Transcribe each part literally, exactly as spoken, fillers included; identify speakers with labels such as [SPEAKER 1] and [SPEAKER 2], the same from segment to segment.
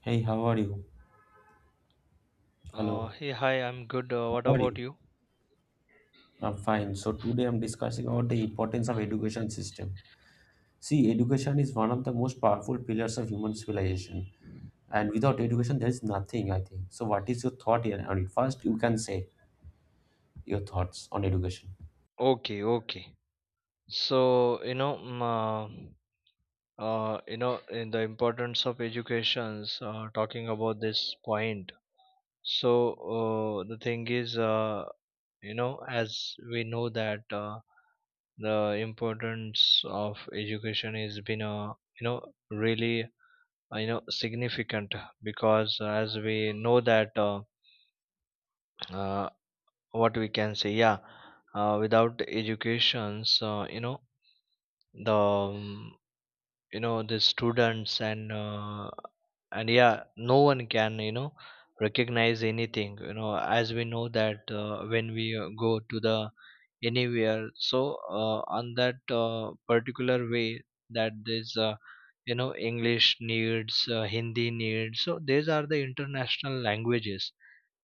[SPEAKER 1] Hey, how are you?
[SPEAKER 2] Uh,
[SPEAKER 1] Hello.
[SPEAKER 2] hey, hi, I'm good. Uh, what
[SPEAKER 1] How are
[SPEAKER 2] about
[SPEAKER 1] you?
[SPEAKER 2] you?
[SPEAKER 1] I'm fine. So today I'm discussing about the importance of education system. See, education is one of the most powerful pillars of human civilization, and without education, there is nothing, I think. So what is your thought here on it? First, you can say your thoughts on education.
[SPEAKER 2] Okay, okay. So, you know, mm, uh, uh, you know, in the importance of educations, uh, talking about this point. So, uh, the thing is, uh, you know, as we know that uh, the importance of education has been, uh, you know, really, uh, you know, significant because uh, as we know that uh, uh, what we can say, yeah, uh, without educations, uh, you know the um, you know the students and uh, and yeah, no one can, you know recognize anything, you know as we know that uh, when we uh, go to the anywhere, so uh, on that uh, particular way that this uh, you know english needs, uh, hindi needs, so these are the international languages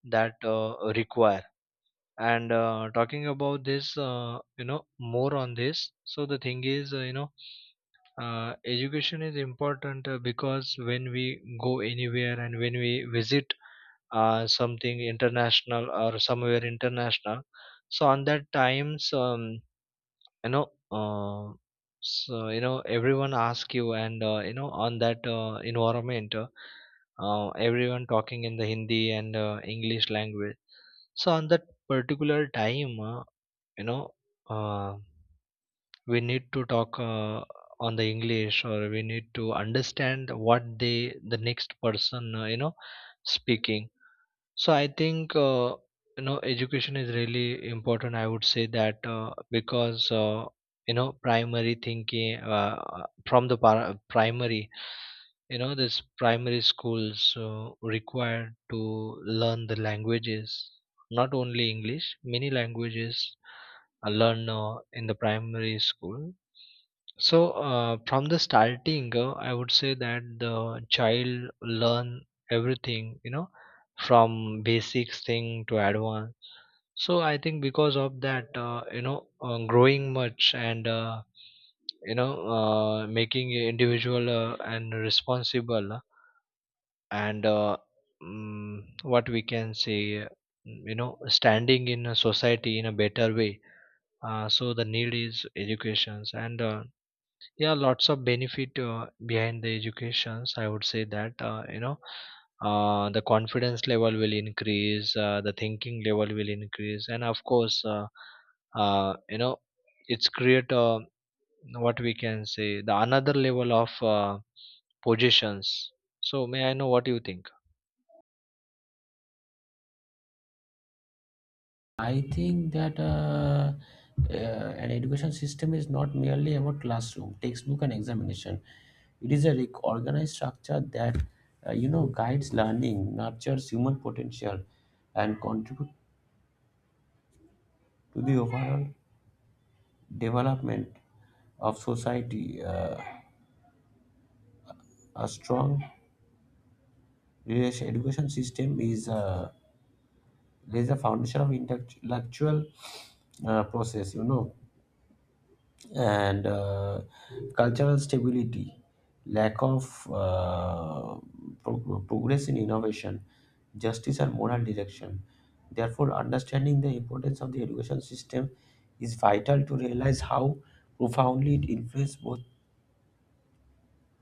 [SPEAKER 2] that uh, require. And uh, talking about this, uh, you know more on this, so the thing is, uh, you know uh, education is important, uh, because when we go anywhere and when we visit uh, something international or somewhere international, so on that times, um, you know uh, so, you know everyone ask you and, uh, you know on that uh, environment, uh, uh, everyone talking in the hindi and uh, english language. So on that particular time, uh, you know uh, we need to talk uh, on the english, or we need to understand what they, the next person, uh, you know speaking. So I think, uh, you know education is really important. I would say that, uh, because uh, you know primary thinking, uh, uh, from the par- primary, you know this primary schools uh, required to learn the languages, not only English. Many languages are learned uh, in the primary school. So uh, from the starting, uh, I would say that the child learn everything. You know, from basics thing to advanced. So I think because of that, uh, you know uh, growing much and, uh, you know uh, making a individual uh, and responsible, and uh, mm, what we can say, mm, you know standing in a society in a better way. Uh, so the need is educations, and uh, yeah, lots of benefit uh, behind the educations, I would say that, uh, you know uh, the confidence level will increase, uh, the thinking level will increase, and of course, uh, uh, you know it's create, uh, what we can say, the another level of uh, positions. So may I know what you think?
[SPEAKER 1] I think that uh, uh, an education system is not merely about classroom, textbook, and examination. It is a rec- organized structure that uh, you know guides learning, nurtures human potential, and contributes to the overall development of society. Uh, a strong relation- education system is uh, lays a foundation of intellectual uh, process, you know, and uh, cultural stability, lack of uh, pro- progress in innovation, justice and moral direction. Therefore, understanding the importance of the education system is vital to realize how profoundly it influences both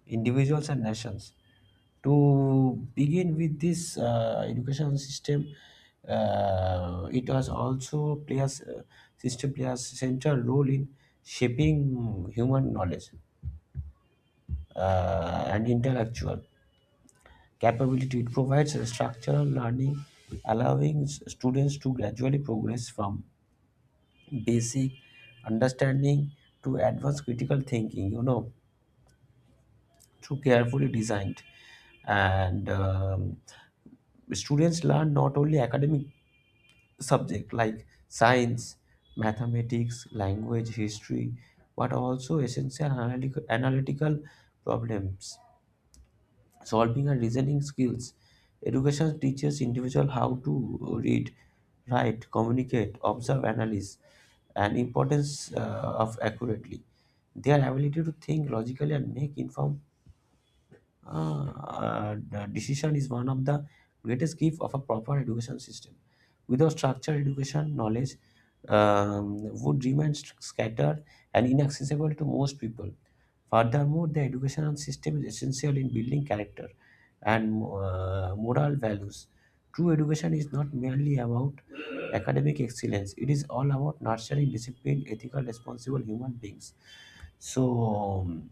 [SPEAKER 1] individuals and nations. To begin with this uh, education system, uh, it has also players uh, system players central role in shaping human knowledge uh, and intellectual capability. It provides a structural learning, allowing s- students to gradually progress from basic understanding to advanced critical thinking. You know, through carefully designed and um, students learn not only academic subject like science, mathematics, language, history, but also essential analytic- analytical problems solving and reasoning skills. Education teaches individual how to read, write, communicate, observe, analyze, and importance uh, of accurately their ability to think logically and make informed uh, uh, the decision is one of the greatest gift of a proper education system. Without structured education, knowledge um, would remain st- scattered and inaccessible to most people. Furthermore, the educational system is essential in building character and uh, moral values. True education is not merely about academic excellence, it is all about nurturing disciplined, ethical, responsible human beings. So, um,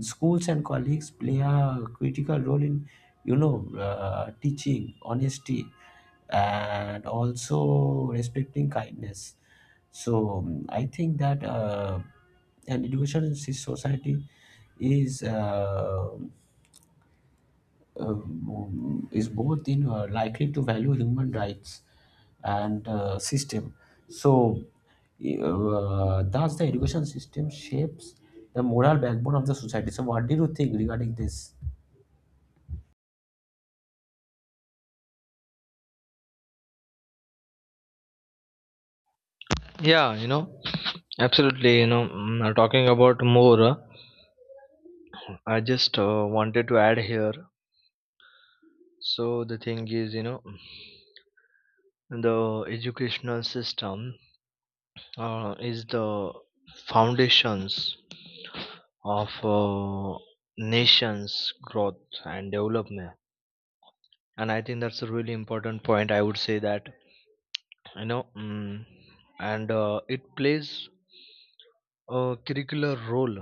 [SPEAKER 1] schools and colleagues play a critical role in, you know, uh, teaching honesty and also respecting kindness. So, um, I think that uh, an education society is. Uh, um, is both in uh, likely to value human rights and uh, system. So, uh, thus the education system shapes the moral backbone of the society. So what do you think regarding this?
[SPEAKER 2] Yeah, you know, absolutely. You know mm, uh, talking about more, uh, I just uh, wanted to add here, so the thing is, you know, the educational system uh, is the foundations of uh, nations growth and development. And I think that's a really important point, I would say that. you know mm, and uh, it plays a curricular role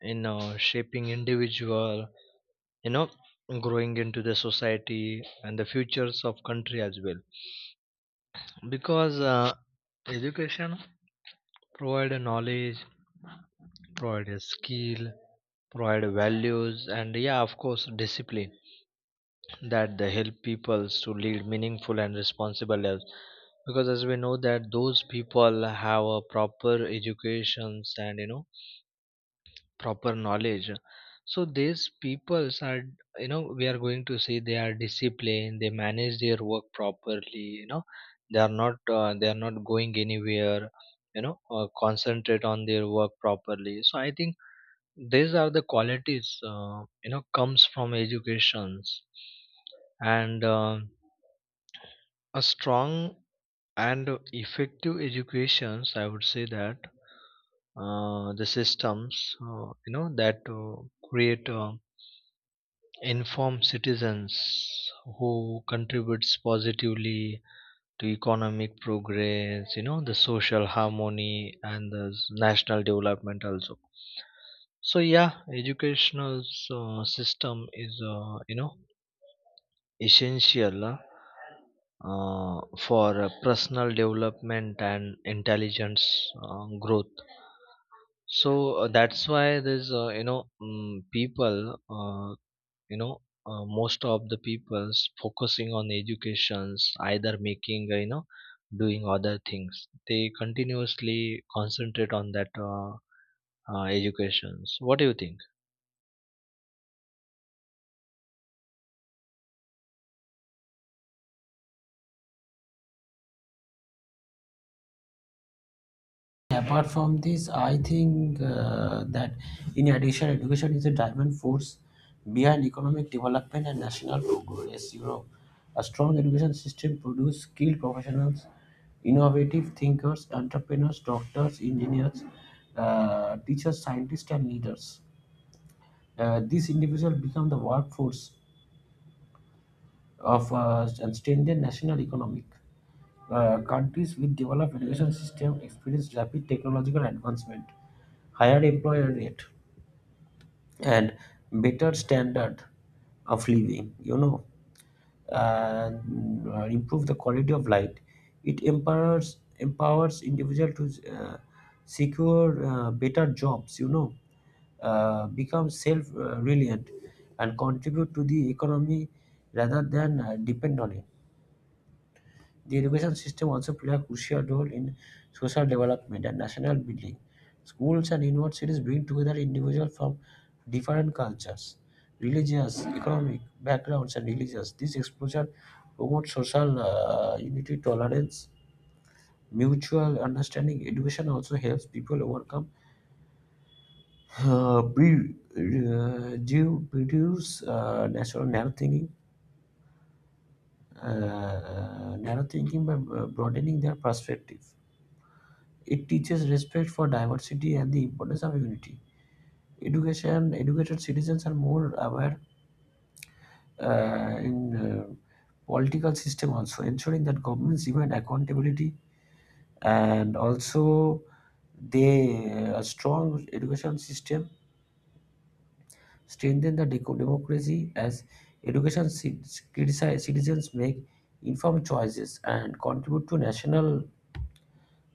[SPEAKER 2] in uh, shaping individual, you know, growing into the society and the futures of country as well. Because uh, education provide a knowledge, provide a skill, provide values, and yeah, of course, discipline, that they help peoples to lead meaningful and responsible lives. Because as we know that those people have a proper educations, and, you know, proper knowledge. So these peoples are, you know, we are going to see, they are disciplined, they manage their work properly, you know. They are not, uh, they are not going anywhere, you know, uh, concentrate on their work properly. So I think these are the qualities, uh, you know comes from educations. And uh, a strong and effective educations, I would say that uh, the systems, uh, you know, that uh, create uh, informed citizens, who contributes positively to economic progress, you know, the social harmony, and the s- national development also. So yeah, educational uh, system is, uh, you know essential, uh, uh, for uh, personal development and intelligence uh, growth. So uh, that's why there's, uh, you know um, people, uh, you know uh, most of the people's focusing on educations, either making, uh, you know doing other things, they continuously concentrate on that, uh, uh, educations. What do you think?
[SPEAKER 1] Apart from this, I think uh, that in addition, education is a driving force behind economic development and national progress. You know, a strong education system produces skilled professionals, innovative thinkers, entrepreneurs, doctors, engineers, uh, teachers, scientists, and leaders. Uh, these individuals become the workforce of uh, strengthened national economic. Uh, countries with developed education system experience rapid technological advancement, higher employer rate, and better standard of living, you know, and uh, improve the quality of life. It empowers empowers individual to uh, secure uh, better jobs, you know, uh, become self uh, reliant and contribute to the economy rather than uh, depend on it. The education system also plays a crucial role in social development and national building. Schools and universities bring together individuals from different cultures, religious, economic backgrounds, and religions. This exposure promotes social uh, unity, tolerance, mutual understanding. Education also helps people overcome uh, pre- uh, due reduce uh, natural narrow thinking, uh, narrow thinking by uh, broadening their perspective. It teaches respect for diversity and the importance of unity. Education, educated citizens are more aware uh, in uh, political system also, ensuring that governments demand accountability and also they uh, a strong education system strengthen the deco- democracy as education ci- critici- citizens make informed choices and contribute to national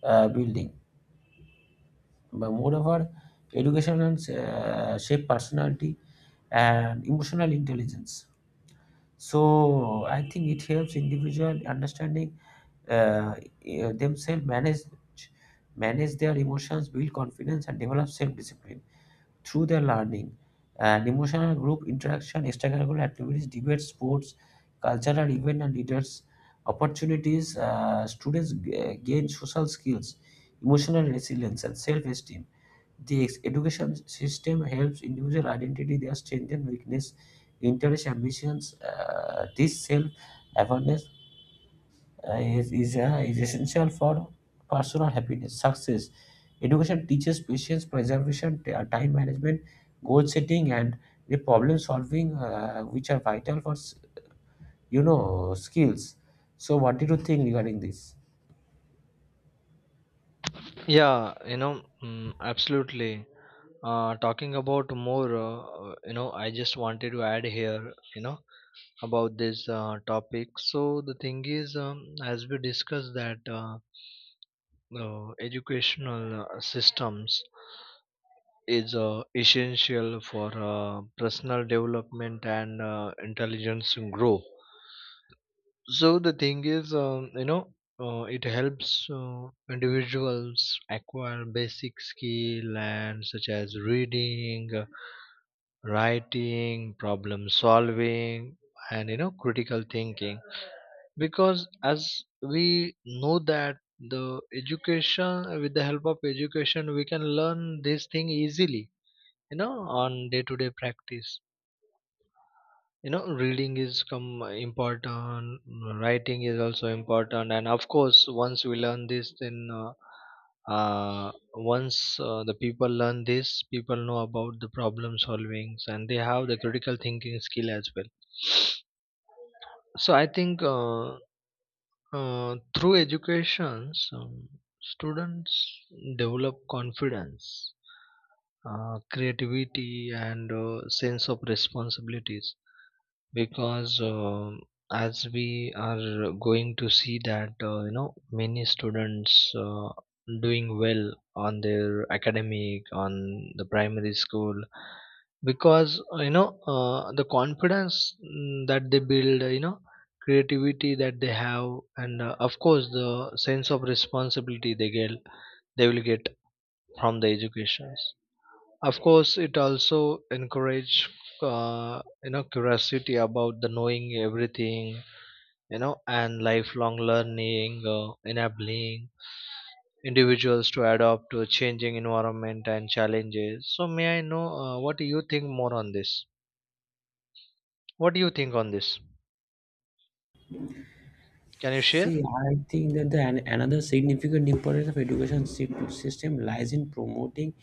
[SPEAKER 1] uh, building. But moreover, education and uh, shape personality and emotional intelligence. So I think it helps individual understanding uh, eh, themselves, manage manage their emotions, build confidence, and develop self discipline through their learning. And emotional group interaction, extracurricular activities, debates, sports, cultural event, and leaders opportunities. Uh, students g- gain social skills, emotional resilience, and self-esteem. The education system helps individual identity their strength and weakness, interests, ambitions. Uh, this self-awareness uh, is, is, uh, is essential for personal happiness, success. Education teaches patience, preservation, t- uh, time management, goal setting, and the problem solving, uh, which are vital for s- you know skills. So, what did you think regarding this?
[SPEAKER 2] Yeah, you know, mm, absolutely. Uh, talking about more, uh, uh, you know I just wanted to add here, you know, about this uh, topic. So the thing is, um, as we discussed that, uh, uh, educational uh, systems is uh, essential for uh, personal development and uh, intelligence grow. So the thing is, um, you know uh, it helps uh, individuals acquire basic skill and, such as reading, uh, writing, problem solving, and, you know, critical thinking. Because as we know that the education, with the help of education, we can learn this thing easily, you know, on day to day practice. You know, reading is come important, writing is also important, and of course, once we learn this, then, uh, uh, once uh, the people learn this, people know about the problem solvings and they have the critical thinking skill as well. So I think, uh, Uh, through education, um, students develop confidence, uh, creativity, and uh, sense of responsibilities. Because um as we are going to see that, uh, you know many students uh, doing well on their academic, on the primary school. Because, uh, you know uh, the confidence, mm, that they build, uh, you know creativity that they have, and uh, of course, the sense of responsibility they get, they will get from the education. Of course, it also encourage, uh, you know, curiosity about the knowing everything, you know, and lifelong learning, uh, enabling individuals to adapt to a changing environment and challenges. So, may I know uh, what do you think more on this? What do you think on this? Can you share?
[SPEAKER 1] See, I think that the, an- another significant importance of education sy- system lies in promoting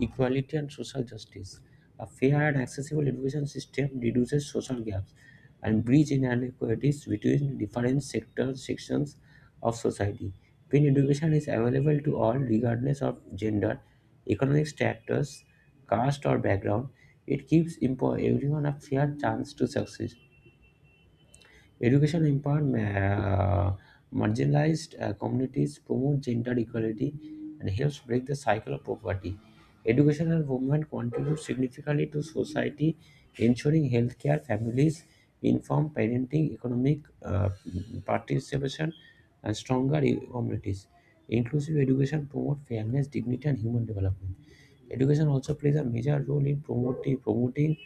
[SPEAKER 1] equality and social justice. A fair and accessible education system reduces social gaps and bridge inequalities between different sectors sections of society. When education is available to all, regardless of gender, economic status, caste, or background, it gives impo- everyone a fair chance to succeed. Education empowered ma- marginalized uh, communities, promote gender equality, and helps break the cycle of poverty. Educational movement contributes significantly to society, ensuring healthcare, families, informed parenting, economic uh, participation, and stronger e- communities. Inclusive education promotes fairness, dignity, and human development. Education also plays a major role in promoting, promoting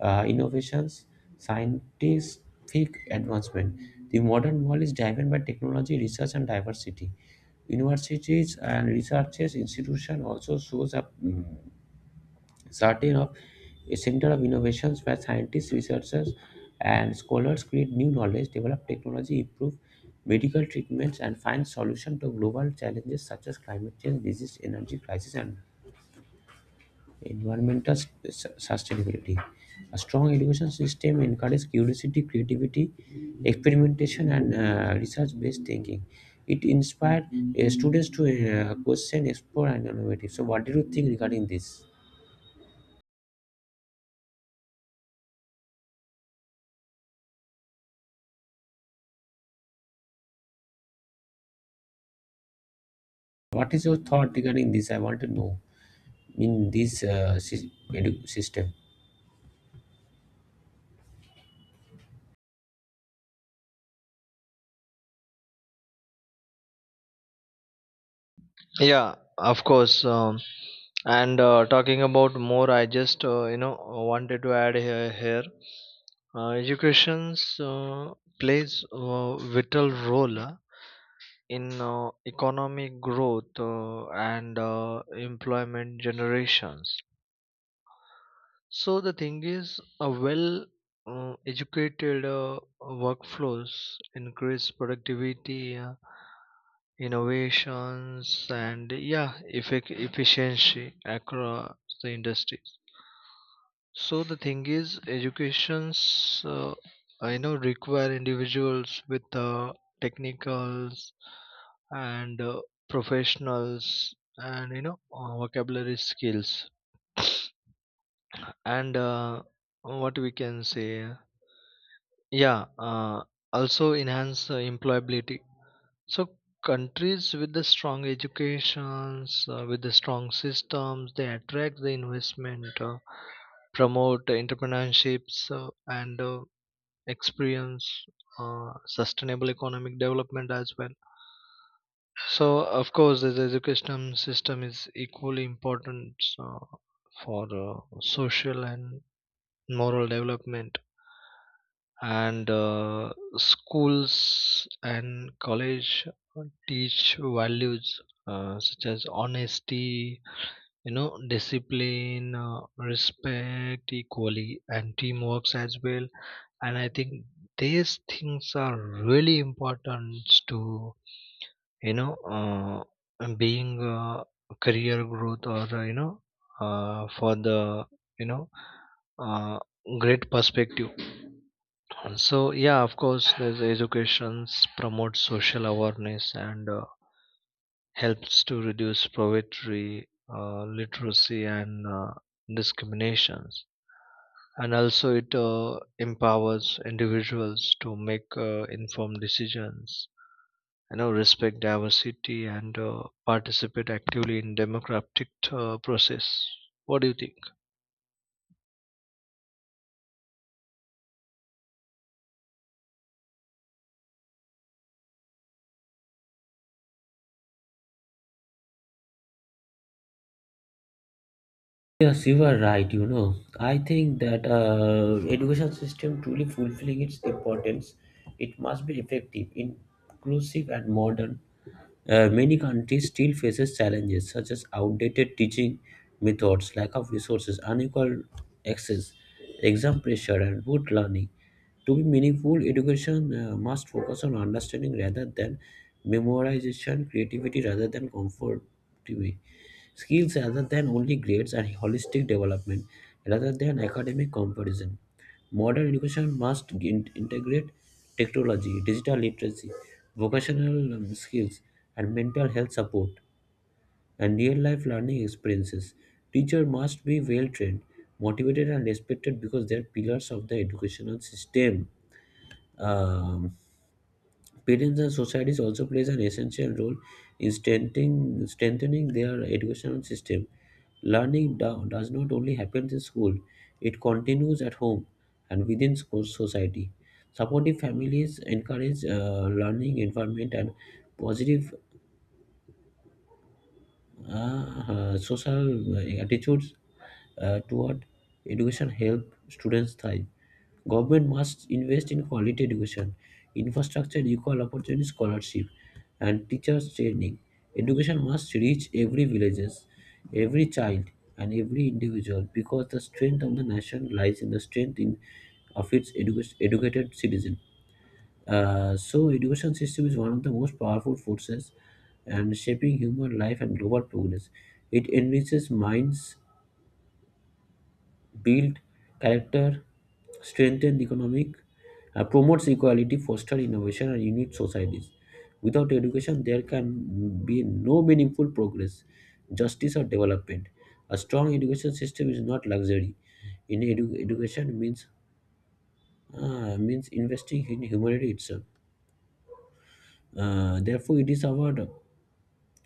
[SPEAKER 1] uh, innovations, scientific advancement. The modern world is driven by technology, research, and diversity. Universities and research institutions also shows a mm, certain of a center of innovations where scientists, researchers, and scholars create new knowledge, develop technology, improve medical treatments, and find solutions to global challenges such as climate change, disease, energy crisis, and environmental s- sustainability. A strong education system encourages curiosity, creativity, experimentation, and uh, research based thinking. It inspires uh, students to uh, question, explore, and innovate. So, what do you think regarding this? What is your thought regarding this? I want to know in this uh, sys- edu- system.
[SPEAKER 2] Yeah, of course. Um, And uh, talking about more, I just, uh, you know wanted to add here, here uh, educations uh, plays a vital role uh, in uh, economic growth, uh, and uh, employment generations. So the thing is, a well uh, educated uh, workflows increase productivity, uh, innovations, and yeah, effect efficiency across the industries. So the thing is, educations, uh, I know, require individuals with uh, technicals and uh, professionals, and you know, uh, vocabulary skills, and, uh, what we can say, yeah, uh, also enhance uh, employability. So countries with the strong educations, uh, with the strong systems, they attract the investment, uh, promote entrepreneurships, uh, and uh, experience uh, sustainable economic development as well. So of course, the education system is equally important, uh, for uh, social and moral development. And uh, schools and college teach values uh, such as honesty, you know, discipline, uh, respect, equality, and teamworks as well. And I think these things are really important to, you know uh, being, uh, career growth, or, uh, you know uh, for the, you know uh, great perspective. So yeah, of course, there's education promotes social awareness, and uh, helps to reduce poverty, uh, literacy, and uh, discriminations. And also, it uh, empowers individuals to make uh, informed decisions. You know, respect diversity and uh, participate actively in democratic uh, process. What do you think?
[SPEAKER 1] Yes, you are right. You know, I think that uh, education system truly fulfilling its importance. It must be effective, inclusive, and modern. Uh, many countries still faces challenges such as outdated teaching methods, lack of resources, unequal access, exam pressure, and rote learning. To be meaningful, education uh, must focus on understanding rather than memorization, creativity rather than comfort. To me. Skills rather than only grades and holistic development rather than academic competition. Modern education must in- integrate technology, digital literacy, vocational um, skills, and mental health support and real life learning experiences. Teachers must be well trained, motivated, and respected because they are pillars of the educational system. Um, parents and societies also plays an essential role in strengthening, strengthening their educational system. Learning do- does not only happen in school, it continues at home and within school society. Supportive families encourage uh, learning environment and positive uh, uh, social uh, attitudes uh, toward education help students thrive. Government must invest in quality education, infrastructure, equal opportunity scholarship, and teachers training. Education must reach every villages, every child, and every individual because the strength of the nation lies in the strength in, of its edu- educated citizen. Uh, so education system is one of the most powerful forces and shaping human life and global progress. It enriches minds, build character, strengthen economic, uh, promotes equality, foster innovation, and unite societies. Without education, there can be no meaningful progress, justice, or development. A strong education system is not luxury. In edu- education means uh, means investing in humanity itself. Uh, therefore, it is our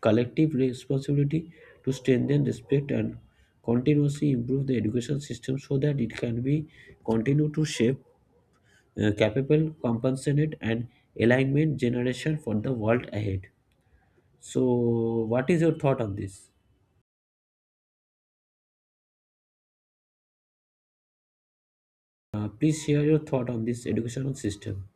[SPEAKER 1] collective responsibility to strengthen respect and continuously improve the education system so that it can be continue to shape uh, capable, compassionate, and alignment generation for the world ahead. So, what is your thought on this? Uh, please share your thought on this educational system.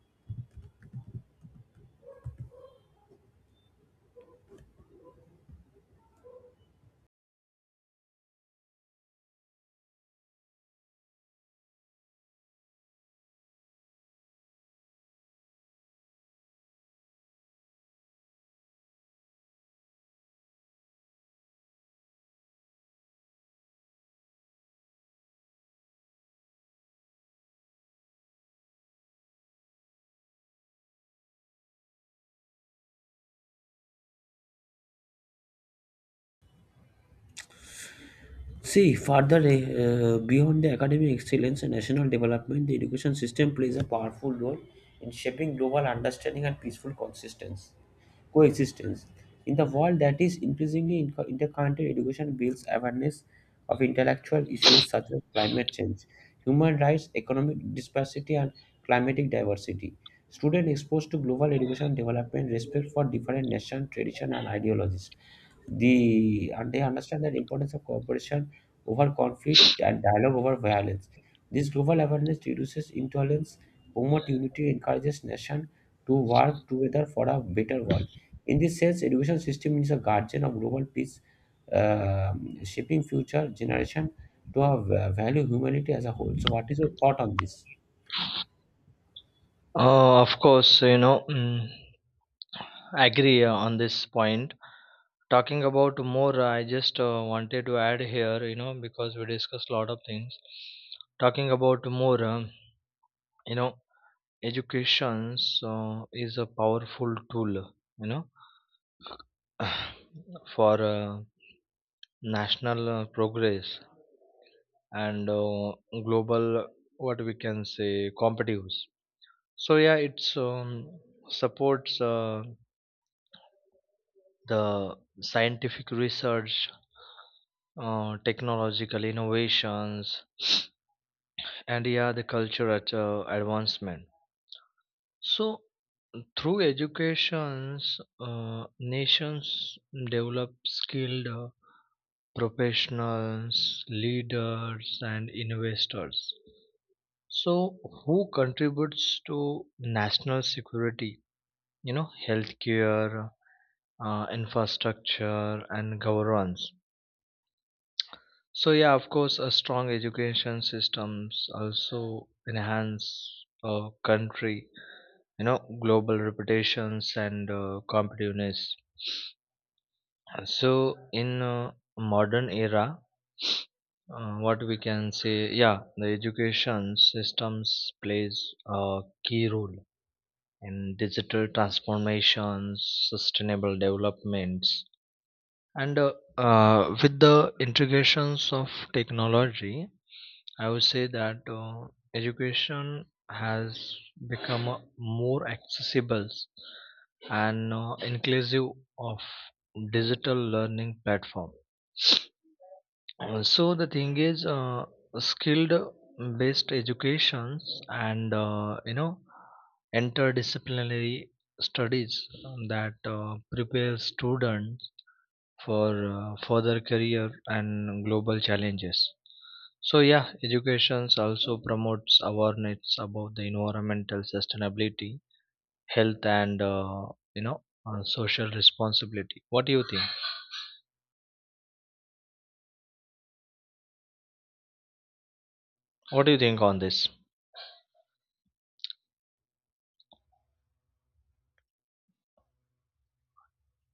[SPEAKER 1] See, further uh, beyond the academic excellence and national development, the education system plays a powerful role in shaping global understanding and peaceful consistence, coexistence. In the world that is increasingly in- interconnected, education builds awareness of intellectual issues such as climate change, human rights, economic disparity, and climatic diversity. Students exposed to global education development respect for different nations, tradition, and ideologies the and they understand the importance of cooperation over conflict and dialogue over violence. This global awareness reduces intolerance, promotes unity, encourages nations to work together for a better world. In this sense, education system is a guardian of global peace, um shaping future generation to have, uh, value humanity as a whole. So, what is your thought on this?
[SPEAKER 2] Uh, of course, you know. Mm, agree uh, on this point. Talking about more, uh, I just uh, wanted to add here, you know, because we discussed a lot of things. Talking about more, um, you know education uh, is a powerful tool, you know, for uh, national uh, progress, and uh, global, what we can say, competitiveness. So yeah, it's, um, supports uh, the scientific research, uh, technological innovations, and yeah, the cultural uh, advancement. So through educations, uh, nations develop skilled uh, professionals, leaders, and investors. So, who contributes to national security, you know, healthcare, uh, infrastructure, and governance. So yeah, of course, a strong education systems also enhance a country, you know, global reputations and uh, competitiveness. So in uh, modern era, uh, what we can say, yeah, the education systems plays a key role in digital transformations, sustainable developments, and, uh, uh, with the integrations of technology, I would say that uh, education has become uh, more accessible and uh, inclusive of digital learning platform. Uh, So the thing is, uh, skilled based educations, and, uh, you know, interdisciplinary studies, um, that uh, prepare students for uh, further career and global challenges. So yeah, education also promotes awareness about the environmental sustainability, health, and, uh, you know uh, social responsibility. What do you think? What do you think on this?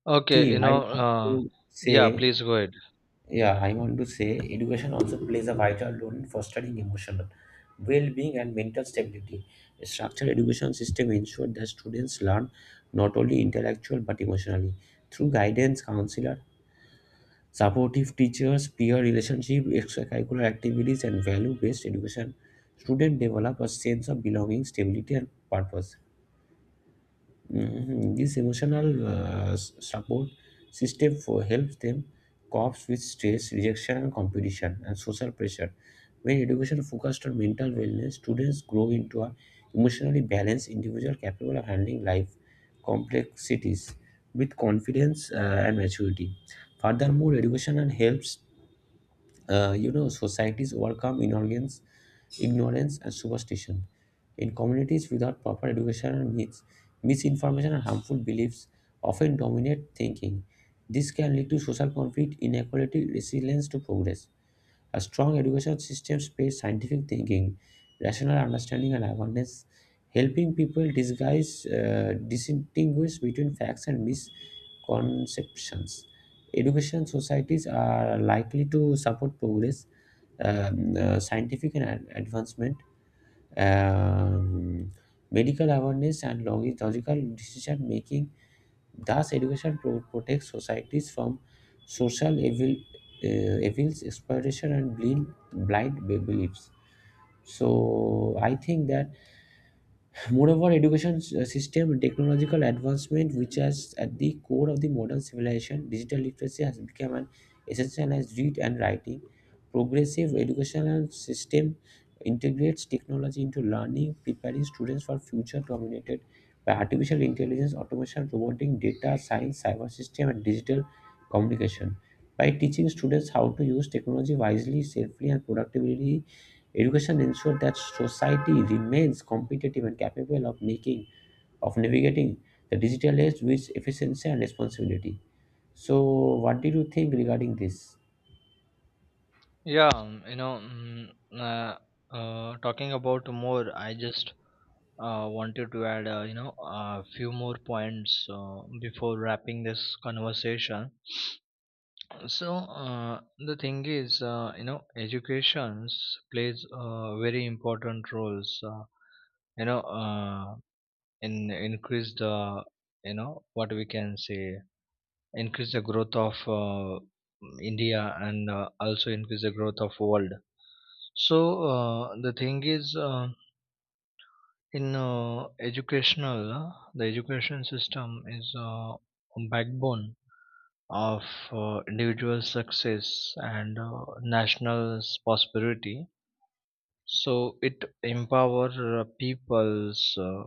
[SPEAKER 2] Okay,
[SPEAKER 1] See,
[SPEAKER 2] you
[SPEAKER 1] I
[SPEAKER 2] know,
[SPEAKER 1] want
[SPEAKER 2] uh,
[SPEAKER 1] to
[SPEAKER 2] yeah,
[SPEAKER 1] say.
[SPEAKER 2] please go ahead.
[SPEAKER 1] Yeah, I want to say education also plays a vital role in fostering emotional well-being and mental stability. A structured education system ensures that students learn not only intellectual but emotionally through guidance, counselor, supportive teachers, peer relationship, extracurricular activities, and value-based education. Students develop a sense of belonging, stability, and purpose. Mhm. This emotional uh, s- support system for helps them cope with stress, rejection, and competition, and social pressure. When education focused on mental wellness, students grow into an emotionally balanced individual capable of handling life complexities with confidence uh, and maturity. Furthermore, education and helps uh, you know, societies overcome ignorance, ignorance and superstition. In communities without proper education and myths, misinformation and harmful beliefs often dominate thinking. This can lead to social conflict, inequality, resilience to progress. A strong education system pays scientific thinking, rational understanding, and awareness, helping people disguise, uh, distinguish between facts and misconceptions. Education societies are likely to support progress, um, uh, scientific and ad- advancement, um, medical awareness, and logi- logical decision making. Thus, education pro- protects societies from social evil, uh, evils, exploitation, and blind, blind be- beliefs. So, I think that moreover, education s- uh, system technological advancement, which is at the core of the modern civilization, digital literacy has become an essential as read and writing. Progressive educational system integrates technology into learning, preparing students for future dominated by artificial intelligence, automation, robotic data science, cyber system, and digital communication. By teaching students how to use technology wisely, safely, and productively, education ensures that society remains competitive and capable of making of navigating the digital age with efficiency and responsibility. So, what did you think regarding this?
[SPEAKER 2] Yeah, um, you know, mm, uh, uh, talking about more, I just uh, wanted to add, uh, you know, a few more points uh, before wrapping this conversation. So uh, the thing is, uh, you know, education plays uh, very important roles. Uh, you know, uh, in increase the, you know, what we can say, increase the growth of uh, India, and uh, also increase the growth of world. So uh, the thing is, uh, in uh, educational, uh, the education system is uh, backbone of uh, individual success and uh, national prosperity. So it empower uh, peoples uh,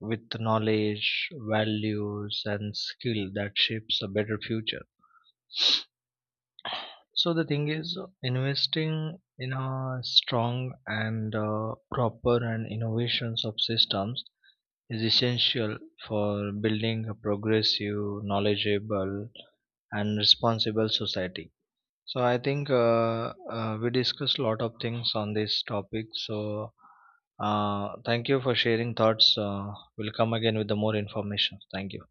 [SPEAKER 2] with knowledge, values, and skill that shapes a better future. So the thing is, uh, investing in a strong and uh, proper and innovations of systems is essential for building a progressive, knowledgeable, and responsible society. So I think, uh, uh, we discussed a lot of things on this topic. So uh, thank you for sharing thoughts. Uh, we'll come again with the more information. Thank you.